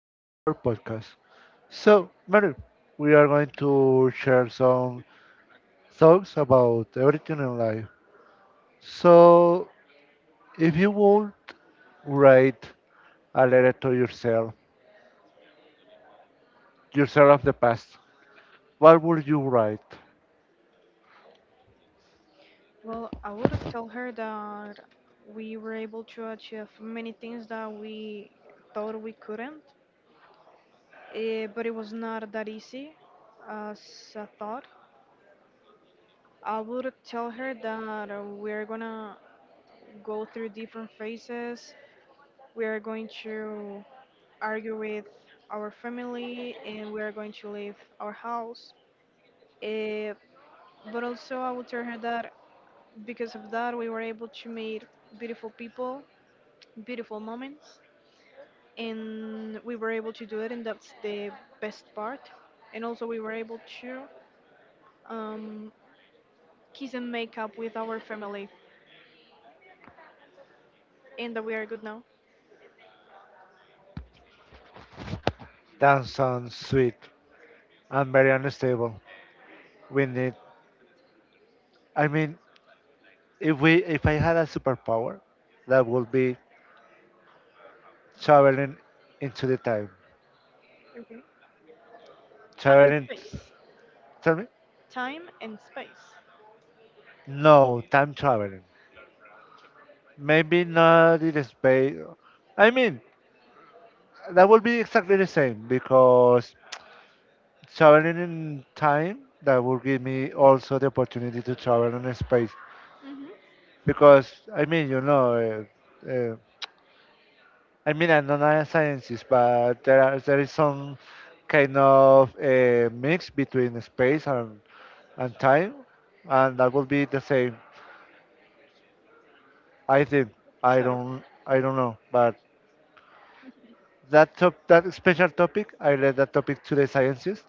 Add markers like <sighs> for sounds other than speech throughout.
in our podcast. So, Mary, we are going to share some thoughts about everything in life. So, if you would write a letter to yourself, yourself of the past, what would you write? Well, I would tell her that we were able to achieve many things that we thought we couldn't, but it was not that easy as I thought. I would tell her that we're gonna go through different phases. We are going to argue with our family and we are going to leave our house. Eh, but also, I would tell her that because of that, we were able to meet beautiful people, beautiful moments and we were able to do it, and that's the best part. And also, we were able to um, kiss and make up with our family, and that we are good now. That sounds sweet and very unstable. We need, I mean, if I had a superpower, that would be traveling into the time. Okay. Time and Traveling, space. tell me. Time and space. No, time traveling. Maybe not in space. I mean, that would be exactly the same because traveling in time, that would give me also the opportunity to travel in space. Hmm. Because, I mean, uh, uh, I mean, I'm not a scientist, but there is some kind of mix between space and time, and that would be the same. I think. I Sort of. don't. I don't know, but that special topic, I left that topic to the sciences.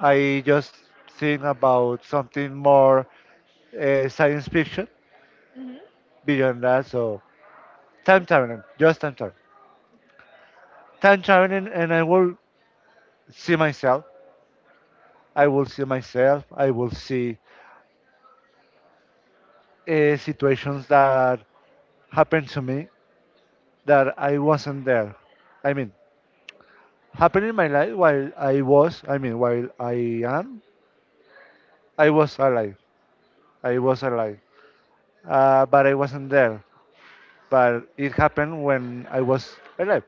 I just think about something more science fiction Hmm. beyond that. So Sort time traveling, of. just time traveling, and I will see myself. I will see myself. I will see situations that happened to me that I wasn't there. I mean, happened in my life while I was. I mean, while I am. I was alive. I was alive, but I wasn't there. But it happened when I was alive.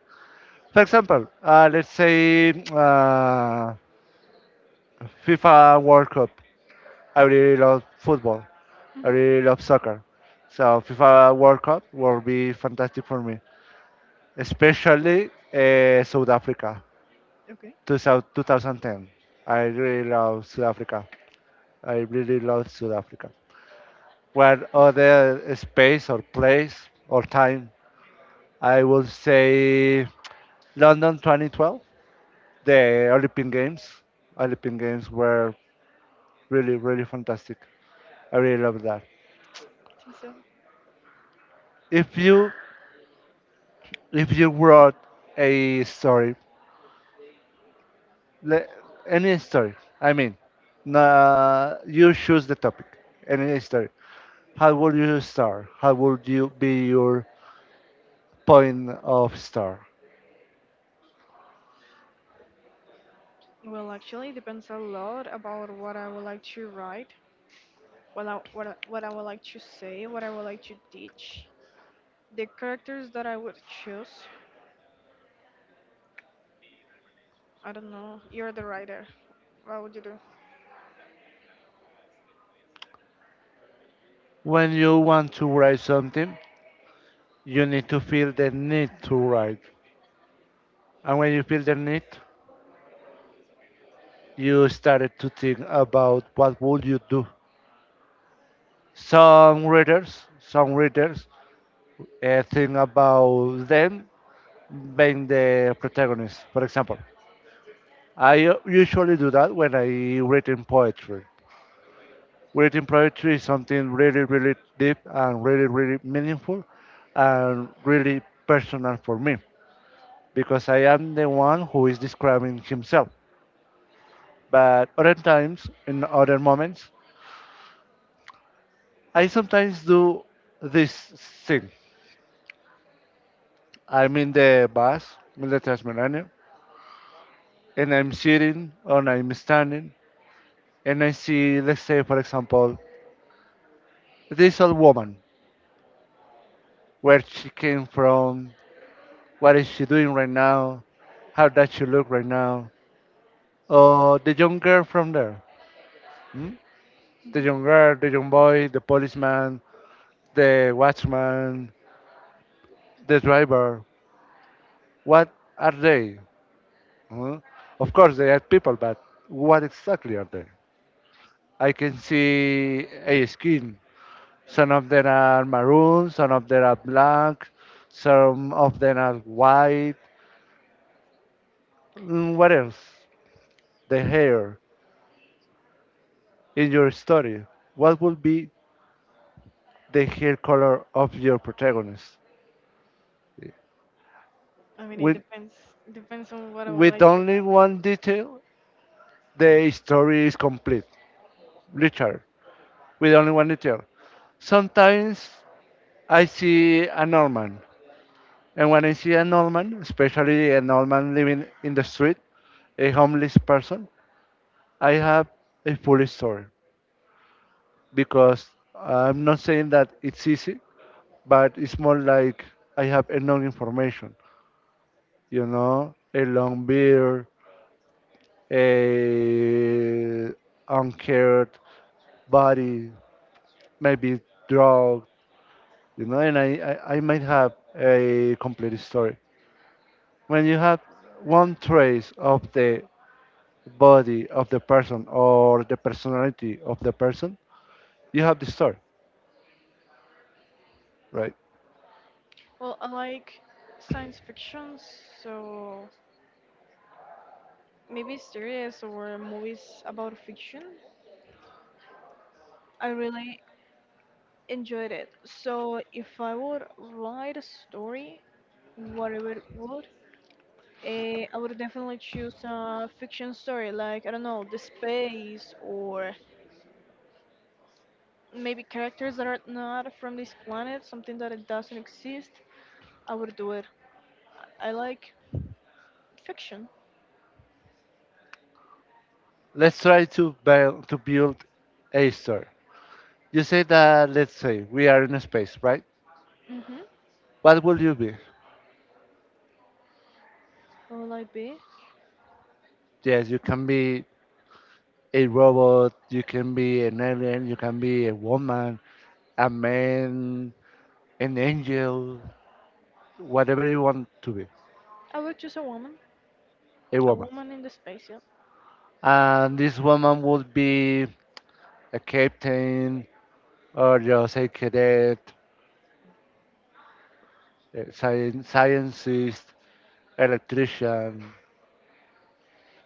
For example, let's say FIFA World Cup. I really love football. I really love soccer. So FIFA World Cup will be fantastic for me, especially South Africa, Okay. 2000 2010. I really love South Africa. I really love South Africa. What other space or place or time? I would say London 2012. The Olympic Games were really, really fantastic. I really love that. I think so. If you if you wrote a story, le- any story, I mean, nah, you choose the topic, any story. How would you start? How would you be your point of start? Well, actually, it depends a lot about what I would like to write, what I would like to say, what I would like to teach, the characters that I would choose, I don't know. You're the writer. What would you do? When you want to write something, you need to feel the need to write. And when you feel the need, you started to think about what would you do. Some readers think about them being the protagonists. For example, I usually do that when I read in poetry. Reading poetry is something really, really deep and really, really meaningful and really personal for me because I am the one who is describing himself. But other times, in other moments, I sometimes do this thing. I'm in the bus, in the Transmilenio, and I'm sitting or I'm standing and I see, let's say, for example, this old woman, where she came from, what is she doing right now, how does she look right now, or the young girl from there, hmm? The young girl, the young boy, the policeman, the watchman, the driver, what are they? Hmm? Of course, they are people, but what exactly are they? I can see a skin, some of them are maroon, some of them are black, some of them are white. What else? The hair in your story. What would be the hair color of your protagonist? I mean, it With, depends. Depends on what I would with like to. only one detail, the story is complete. Richard, with only one detail. Sometimes I see a Norman, and when I see a Norman, especially a Norman living in the street, a homeless person, I have a full story. Because I'm not saying that it's easy, but it's more like I have enough information, a long beard, a uncared body, maybe drug, and I might have a complete story. When you have one trace of the body of the person or the personality of the person, you have the story, right? Well, I like science fiction, so maybe series or movies about fiction. I really enjoyed it. So if I would write a story, whatever it would, I would definitely choose a fiction story, like I don't know, the space or maybe characters that are not from this planet, something that it doesn't exist. I would do it. I like fiction. Let's try to build a story. You say that, let's say, we are in space, right? Mm-hmm. What will you be? What will I be? Yes, you can be a robot, you can be an alien, you can be a woman, a man, an angel, whatever you want to be, I would choose a woman. a A woman. woman in the space, yep. And this woman would be a captain, or just a cadet, a scientist, electrician,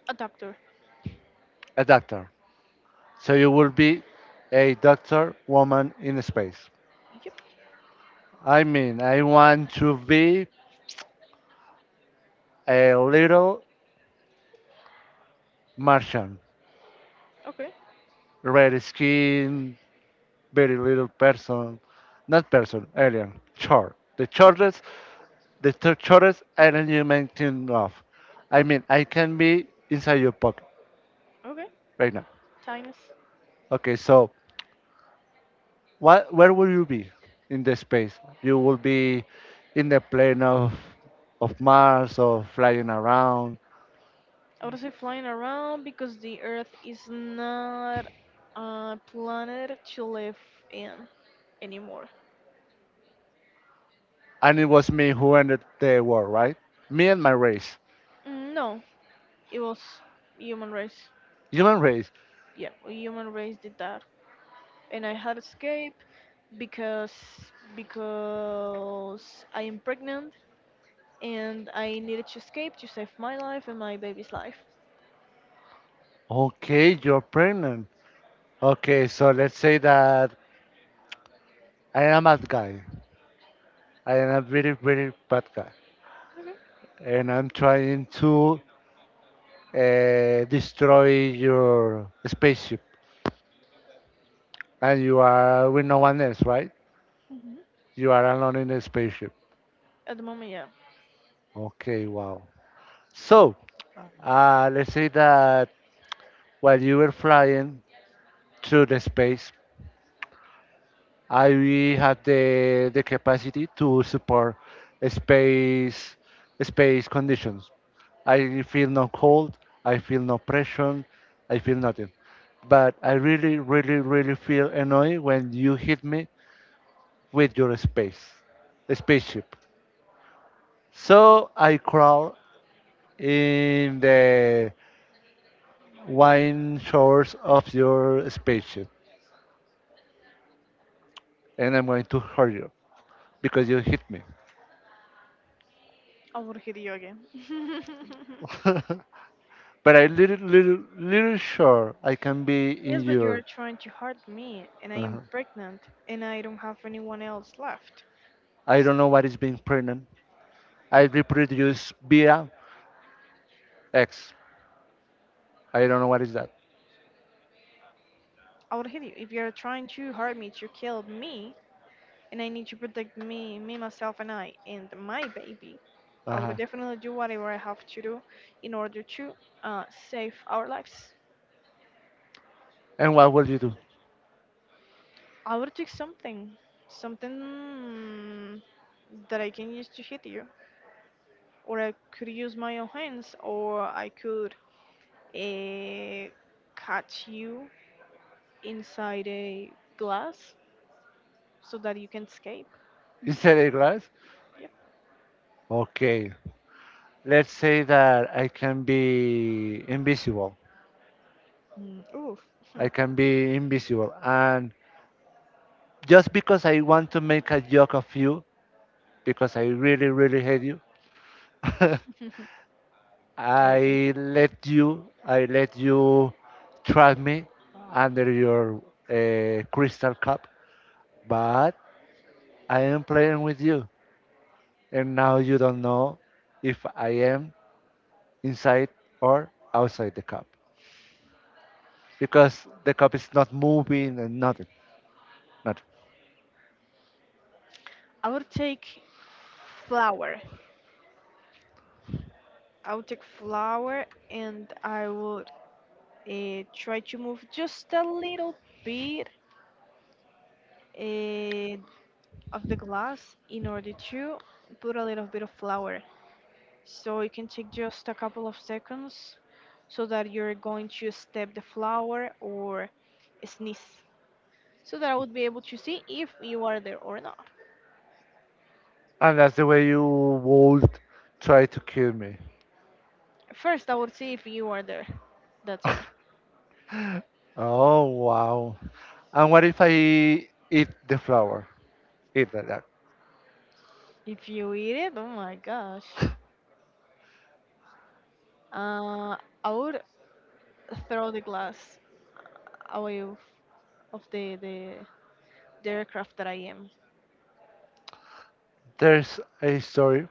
A doctor. a doctor. So you will be a doctor woman in space. Yep. I mean, I want to be a little Martian, Okay. red skin, very little person, not person, alien, short. The shortest, the shortest alien you may think of. I mean, I can be inside your pocket Okay. right now. Tinies. Okay, so what? Where will you be in the space? You will be in the plane of Mars or flying around. I would say flying around because the Earth is not a planet to live in anymore. And it was me who ended the war, right? Me and my race. No, it was human race. Human race. Yeah, human race did that, and I had escape because because I am pregnant and I needed to escape to save my life and my baby's life. Okay, you're pregnant. Okay, so let's say that I am a bad guy. I am a very, very bad guy. Okay. And I'm trying to destroy your spaceship. And you are with no one else, right? Hmm. You are alone in the spaceship. At the moment, yeah. Okay, wow. So, let's say that while you were flying through the space, I have the capacity to support space space conditions. I feel no cold, I feel no pressure, I feel nothing. But I really, really, really feel annoyed when you hit me with your spaceship. So I crawl in the wine shores of your spaceship, and I'm going to hurt you because you hit me. I will hit you again. <laughs> <laughs> But I little little little sure I can be in Yes, but you are your. trying to hurt me, and I uh am pregnant, and I don't have anyone else left. I don't know what is being pregnant. I reproduce via X. I don't know what is that. I would hit you if you are trying to hurt me to kill me, and I need to protect me, myself, and I, and my baby. I would Uh-huh. definitely do whatever I have to do in order to uh, save our lives. And what will you do? I would take something that I can use to hit you, or I could use my own hands, or I could uh, catch you inside a glass so that you can escape. Instead a glass? Yep. Okay. Let's say that I can be invisible. Mm, oof. I can be invisible. And just because I want to make a joke of you, because I really, really hate you, <laughs> <laughs> Okay, thank you. I let you trap me under your crystal cup, but I am playing with you, and now you don't know if I am inside or outside the cup because the cup is not moving and nothing, nothing. I would take flour. I would take flour, and I would try to move just a little bit uh, of the glass in order to put a little bit of flour. So it can take just a couple of seconds so that you're going to step the flour or sneeze so that I would be able to see if you are there or not. And that's the way you would try to kill me. First, I would see if you are there. That's why. Oh wow! And what if I eat the flower? Eat like that. If you eat it, oh my gosh. Uh, I would throw the glass away of the aircraft that I am. There's a story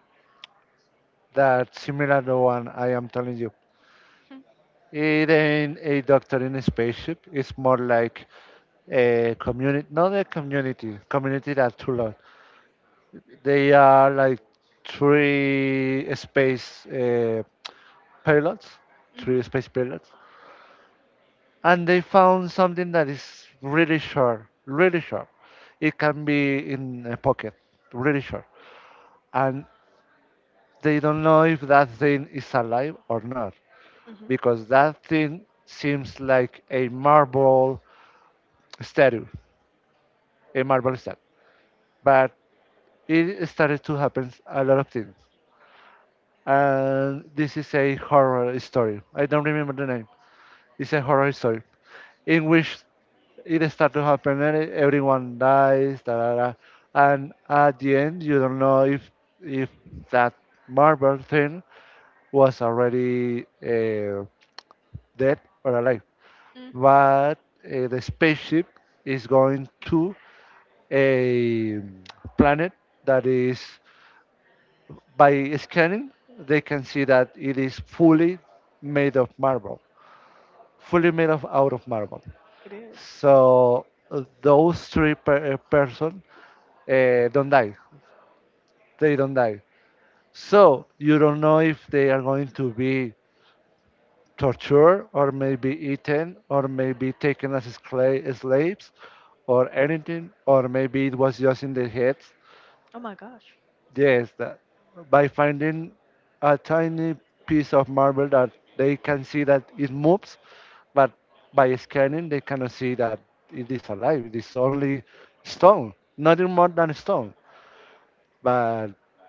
that similar the one I am telling you. <laughs> It ain't a doctor in a spaceship. It's more like a community, not a community. Community that too long. They are like three space uh, pilots, Hmm. three space pilots, and they found something that is really short, really short. It can be in a pocket, really short, and they don't know if that thing is alive or not. Hmm. Because that thing seems like a marble statue, a marble statue. But it started to happen a lot of things. And this is a horror story. I don't remember the name. It's a horror story in which it starts to happen and everyone dies, da, da, da. And at the end you don't know if if that marble thing was already dead or alive. Mm, But the spaceship is going to a planet that is by scanning they can see that it is fully made of marble, fully made of out of marble. it is. So those three person don't die. They don't die. So you don't know if they are going to be tortured or maybe eaten or maybe taken as slaves or anything, or maybe it was just in their heads. Oh my gosh. Yes, that by finding a tiny piece of marble that they can see that it moves, but by scanning they cannot see that it is alive. It is only stone, nothing more than stone. But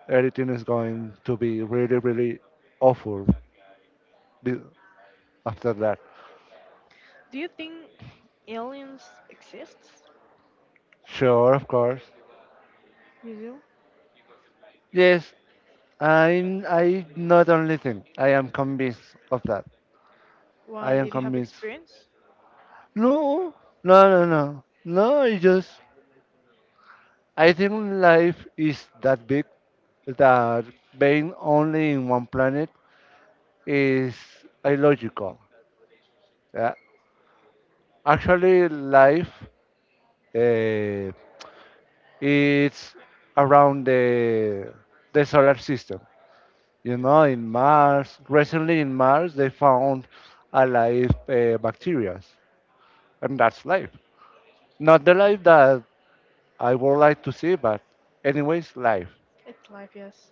everything is going to be really really awful be- after that. Do you think aliens exist? Sure, of course. You do? Yes. I not only think, I am convinced of that. I Why am did you have convinced. experience? No, no, no, no, no. It's just I think life is that big that being only in one planet is illogical. Yeah. Actually, life uh, is around the solar system. You know, in Mars recently in Mars they found alive bacteria, and that's life. Not the life that I would like to see, but anyways, life. It's life, yes.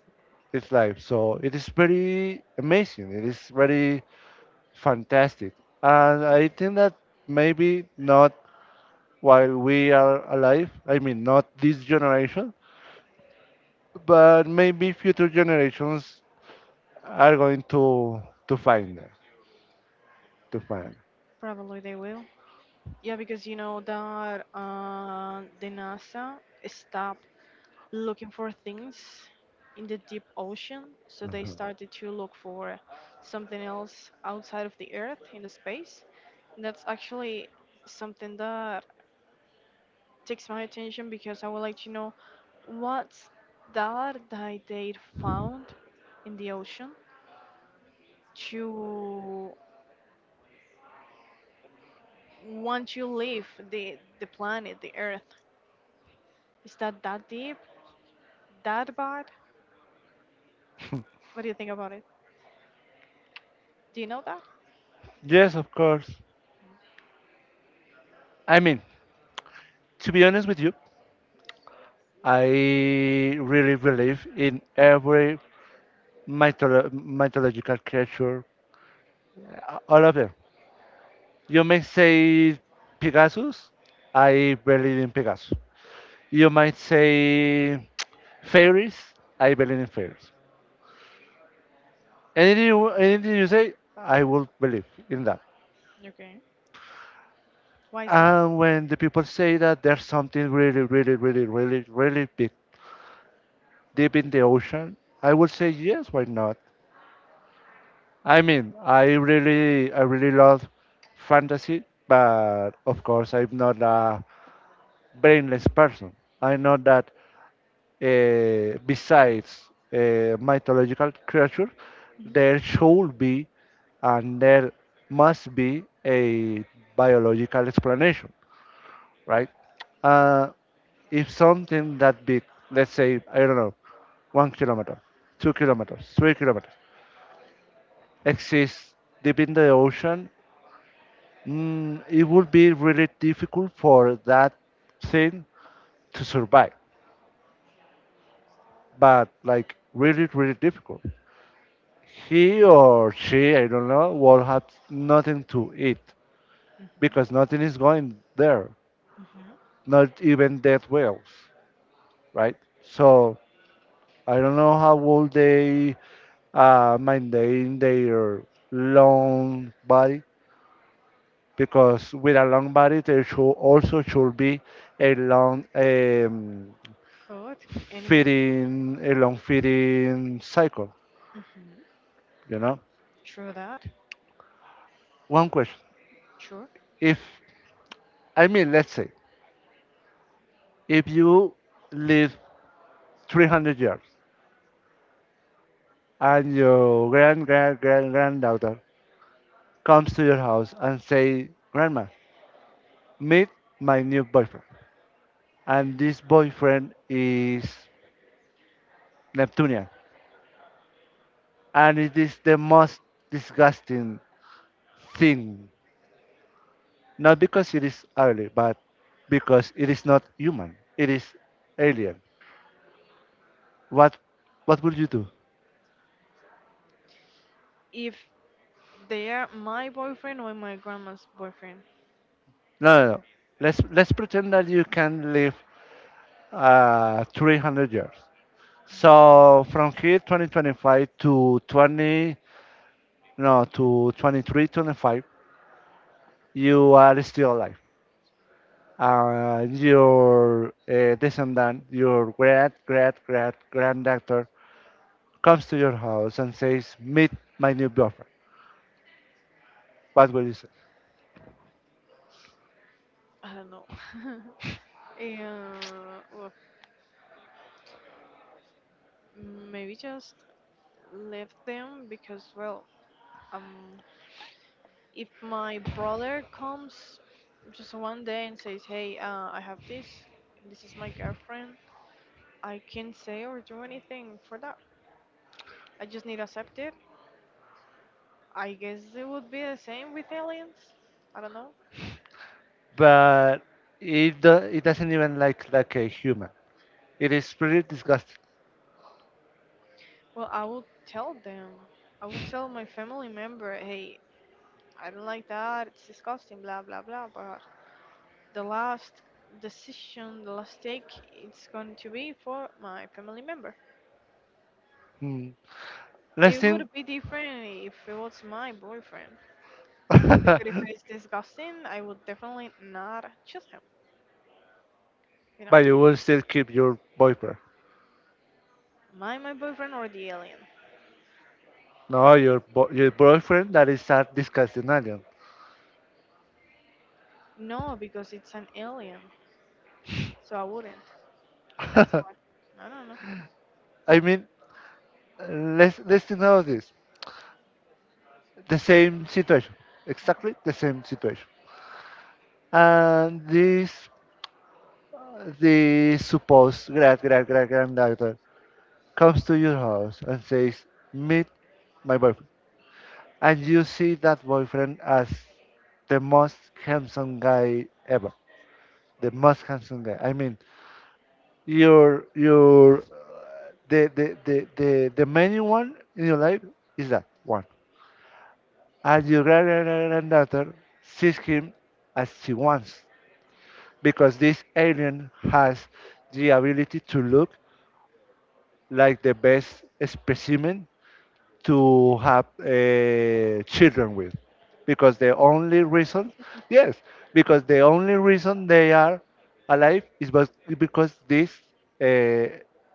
It's life. So it is very amazing. It is very fantastic. And I think that maybe not while we are alive, I mean, not this generation, but maybe future generations are going to find them, to find. Probably they will. Yeah, because you know that the NASA stopped looking for things in the deep ocean. So they started to look for something else outside of the Earth in the space. And that's actually something that takes my attention because I would like to know what's that that they found in the ocean to want to leave the planet, the Earth. Is that that deep? That bad? What do you think about it? Do you know that? Yes, of course. I mean, to be honest with you, I really believe in every mythological creature. All of them. You may say Pegasus. I believe in Pegasus. You might say fairies. I believe in fairies. Anything, anything you say, I will believe in that. Okay. Why is that? And when the people say that there's something really, really, really, really, really big deep in the ocean, I will say yes. Why not? I mean, I really love fantasy, but of course, I'm not a brainless person. I know that besides mythological creature, Mhm. there should be and there must be a biological explanation, right? Uh, if something that big, let's say, I don't know, 1 kilometer, 2 kilometers, 3 kilometers, exists deep in the ocean, it would be really difficult for that thing to survive. But like really, really difficult. He or she, I don't know, will have nothing to eat Mhm. because nothing is going there, Mhm. not even dead whales, right? So I don't know how will they maintain their long body because with a long body there should also should be a long Food, animals. feeding a long feeding cycle, Mhm. you know. True that. One question: Sure. If I mean, let's say if you live 300 years and your grand grand grand granddaughter comes to your house and say grandma meet my new boyfriend and this boyfriend is neptunian and it is the most disgusting thing not because it is ugly but because it is not human it is alien what what would you do. If they are my boyfriend or my grandma's boyfriend, No, no, no, let's pretend that you can live 300 years. So from here, 2025 to 20, no, to 23, 25, you are still alive. Your descendant, your great, great, great granddaughter comes to your house and says, "Meet my new girlfriend." What will you say? I don't know. <laughs> Yeah, well, maybe just leave them because, well, um, if my brother comes just one day and says, "Hey, I have this. This is my girlfriend. I can't say or do anything for that. I just need to accept it. I guess it would be the same with aliens. I don't know. But it doesn't even like a human. It is pretty disgusting. Well, I would tell them. I would tell my family member, hey, I don't like that. It's disgusting, blah, blah, blah. But the last decision, the last take, it's going to be for my family member. Hmm. Let's It think, would be different if it was my boyfriend. <laughs> but Because if it's disgusting, I would definitely not choose him, you know? you will still keep your boyfriend. My boyfriend or the alien. No, your boyfriend that is a disgusting alien. No, because it's an alien, so I wouldn't. That's <laughs> why. I don't know. I mean, let's think about this. The same situation, exactly the same situation. And this the supposed great great great granddaughter comes to your house and says, "Meet my boyfriend," and you see that boyfriend as the most handsome guy ever, the most handsome guy. I mean, your the main one in your life is that one and your grand- grand- grand- granddaughter sees him as she wants because this alien has the ability to look like the best specimen to have children with because the only reason yes because the only reason they are alive is because this uh,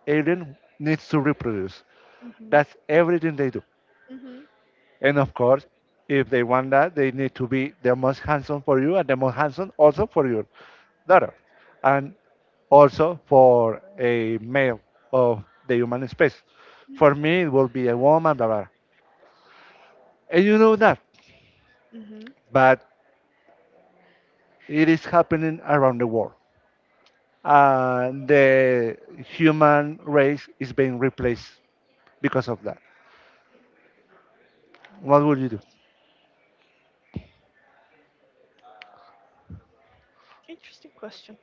alien needs to reproduce, Mhm. that's everything they do, Mhm. and of course if they want that they need to be the most handsome for you and the most handsome also for your daughter and also for a male of the human space, for Mhm. me it will be a woman blah, blah, and you know that. Mhm. But it is happening around the world. And the human race is being replaced because of that. What would you do? Interesting question.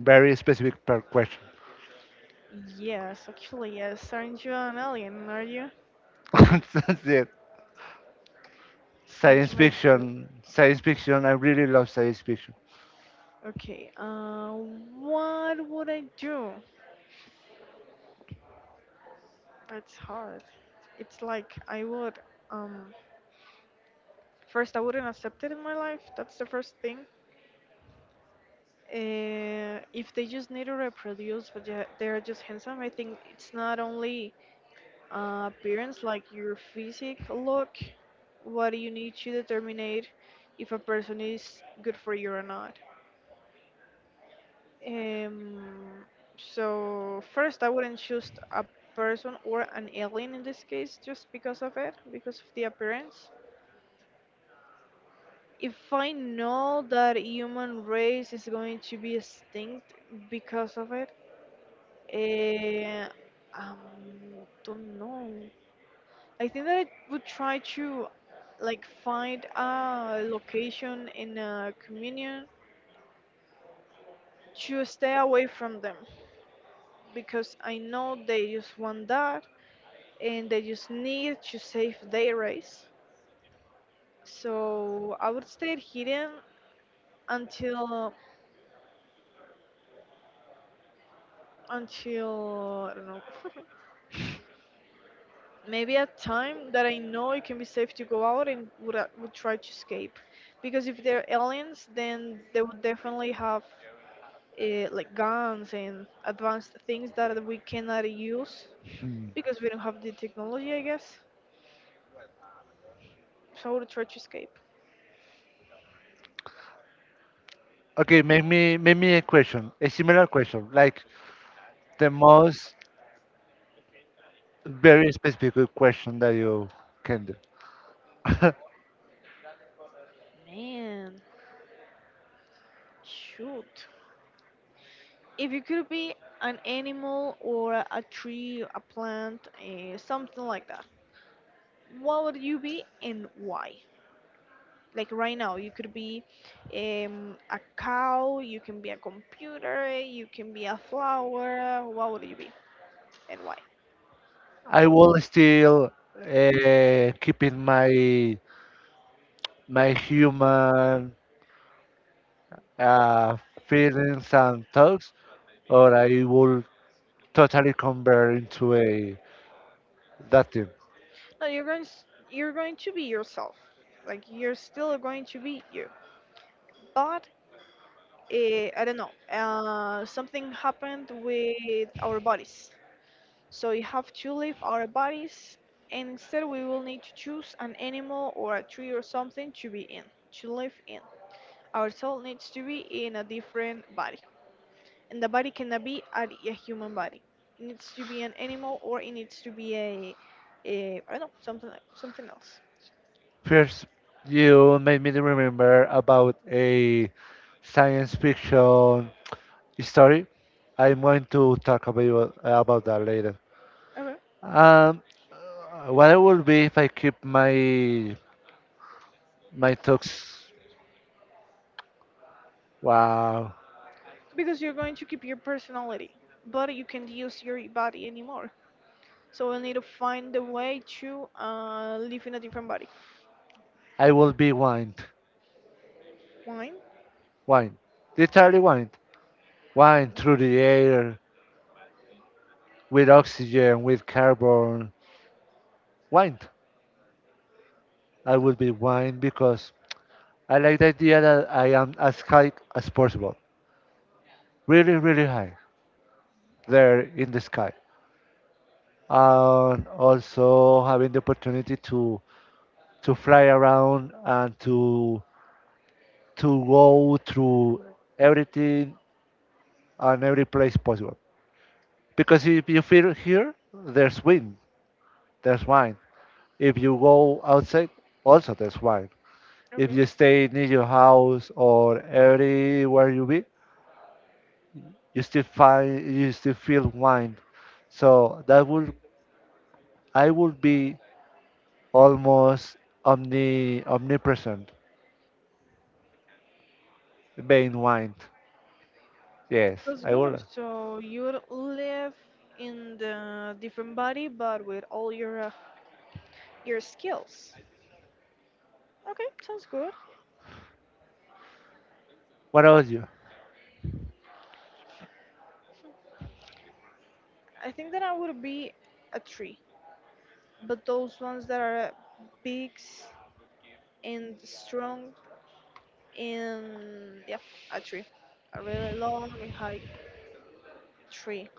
Very specific per question. Yes, actually, yes. Aren't you an alien? Are you? <laughs> That's it. Just want Science to make sure. fiction, science fiction. I really love science fiction. Okay. What would I do? That's hard. It's like I would. Um, First, I wouldn't accept it in my life. That's the first thing. If they just need to reproduce, but they're just handsome, I think it's not only appearance, like your physique look, what do you need to determine if a person is good for you or not. Um, so first, I wouldn't choose a person or an alien in this case just because of it, because of the appearance. If I know that human race is going to be extinct because of it, eh, um, don't know. I think that I would try to like find a location in a communion to stay away from them because I know they just want that and they just need to save their race. So I would stay hidden until until I don't know <laughs> maybe a time that I know it can be safe to go out and would try to escape because if they're aliens then they would definitely have like guns and advanced things that we cannot use because we don't have the technology, I guess. So I would try to escape. Okay, make me a question, a similar question, like the most very specific question that you can do. <laughs> Man, shoot. If you could be an animal or a tree, a plant, something like that, what would you be and why? Like right now, you could be a cow, you can be a computer, you can be a flower. What would you be and why? I will still keep in my my human uh, feelings and talks, or I will totally convert into a that team. No, you're you're going to be yourself. Like you're still going to be you, but, I don't know, something happened with our bodies. So we have to leave our bodies, and instead we will need to choose an animal or a tree or something to be in, to live in. Our soul needs to be in a different body, and the body cannot be a human body. It needs to be an animal, or it needs to be a I don't know, something like, something else. First, you made me remember about a science fiction story. I'm going to talk about that later. Okay, Um, what I will be if I keep my my talks? Wow, because you're going to keep your personality, but you can't use your body anymore. So we'll need to find the way to live in a different body. I will be wind, Wine? wind, literally wind, wind through the air with oxygen, with carbon, wine. I No? would be wine because I like the idea that I am as high as possible. Really, really high. There in the sky. And also having the opportunity to fly around and to go through everything and every place possible. Because if you feel here, there's wind, there's wine. If you go outside, also there's wine. If Okay. you stay near your house or everywhere you be, you still find you still feel wine. So that would I would be almost omnipresent being wine. Yes, That's I good. would. So you would live in the different body, but with all your skills. Okay, sounds good. What about you? I think that I would be a tree, but those ones that are big and strong and yeah, a tree, a really long and high tree.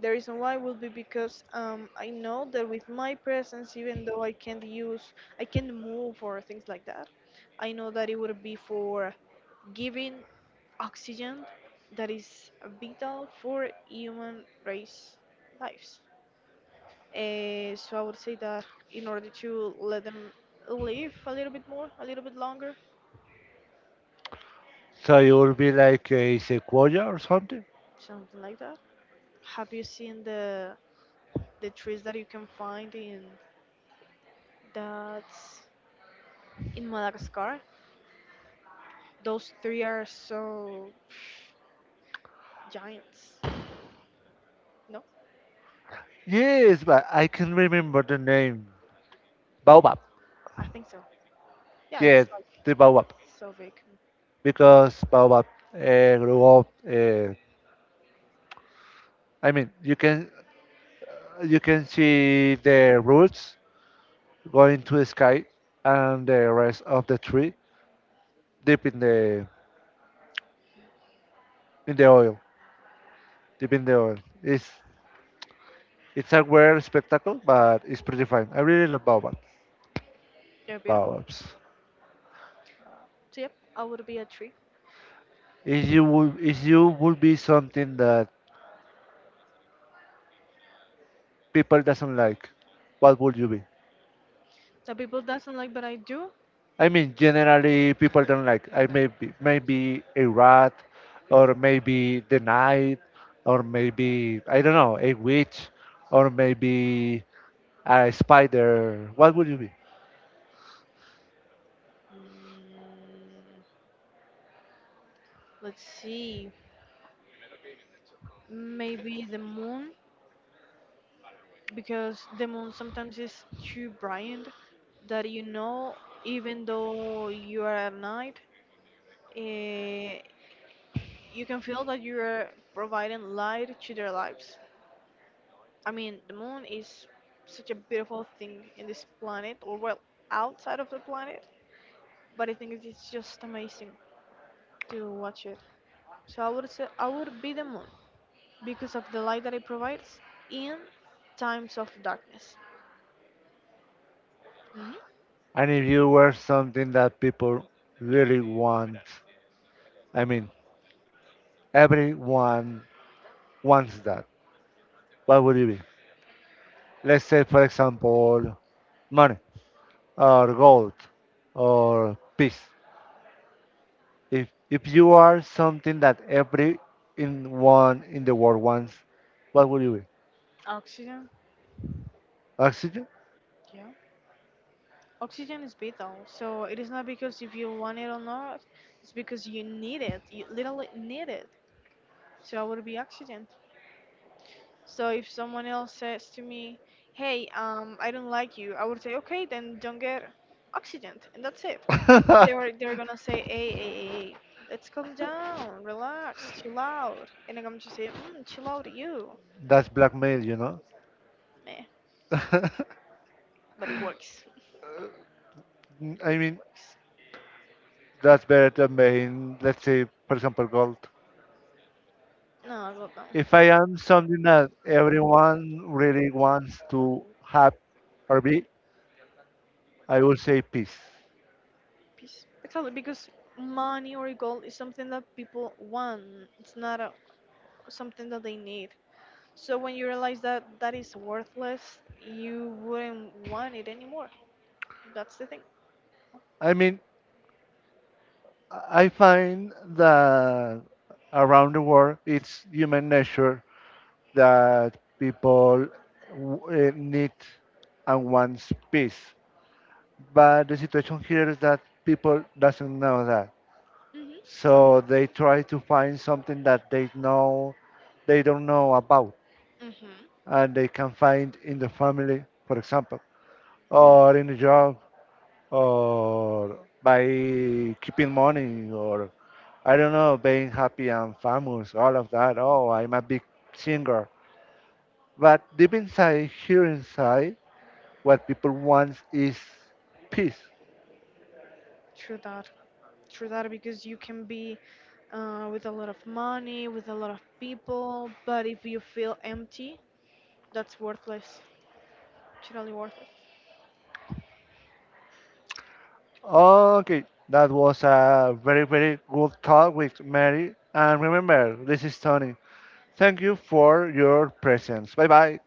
The reason why would be because I know that with my presence, even though I can't move or things like that, I know that it would be for giving oxygen that is vital for human race lives. So I would say that in order to let them live a little bit more, a little bit longer, So you would be like a sequoia or something? something like that. Have you seen the trees that you can find in that's in Madagascar? Those three are so <sighs> giants. No, Yes, but I can remember the name. Baobab. I think so. Yeah, it's Yes, like the Baobab, so big. because Baobab grew up. I mean, you can see the roots going to the sky and the rest of the tree deep in the oil, deep in the oil. It's a weird spectacle, but it's pretty fun. I really love baobab, They're beautiful. baobabs. So yep, I would be a tree. If you would be something that people doesn't like, what would you be? Some people doesn't like, but I do. I mean, generally people don't like. I may be maybe a rat, or maybe the knight, or maybe I don't know a witch, or maybe a spider. What would you be? Mm, let's see. Maybe the moon, because the moon sometimes is too bright that, even though you are at night, eh, you can feel that you are providing light to their lives. I mean, the moon is such a beautiful thing in this planet, or well, outside of the planet. But I think it is just amazing to watch it. So I would say I would be the moon because of the light that it provides in times of darkness. Hmm. And if you were something that people really want, I mean, everyone wants that. What would it be? Let's say, for example, money or gold or peace. If you are something that every in one in the world wants, what would you be? Oxygen, Oxygen? yeah. Oxygen is vital. So it is not because if you want it or not, it's because you need it. You literally need it. So I would be oxygen. So if someone else says to me, "Hey, I don't like you," I would say, "Okay, then don't get oxygen," and that's it. <laughs> They're <laughs> they're gonna say, "Hey, hey, hey, let's calm down, relax, chill out," and I'm gonna just say, "Chill out, you." That's blackmail, you know. Meh, <laughs> but it works. I It mean, works. that's better than being, let's say, for example, gold. No, God If I am something that everyone really wants to have or be, I will no. say peace. Peace. Exactly, because money or gold is something that people want. It's not something that they need. So when you realize that that is worthless, you wouldn't want it anymore. That's the thing. I mean, I find that around the world, it's human nature that people need and wants peace. But the situation here is that people doesn't know that, Mhm. so Alright. they try to find something that they know they don't know about, Mhm. and they can find in the family, for example, or in the job, or by keeping money or I don't know, being happy and famous, all of that. Oh, I'm a big singer. But deep inside, here inside, what people want is peace. True that. True that. Because you can be with a lot of money, with a lot of people, but if you feel empty, that's worthless. Totally worthless. Okay, that was a very, very good talk with Mary. And remember, this is Tony. Thank you for your presence. Bye bye.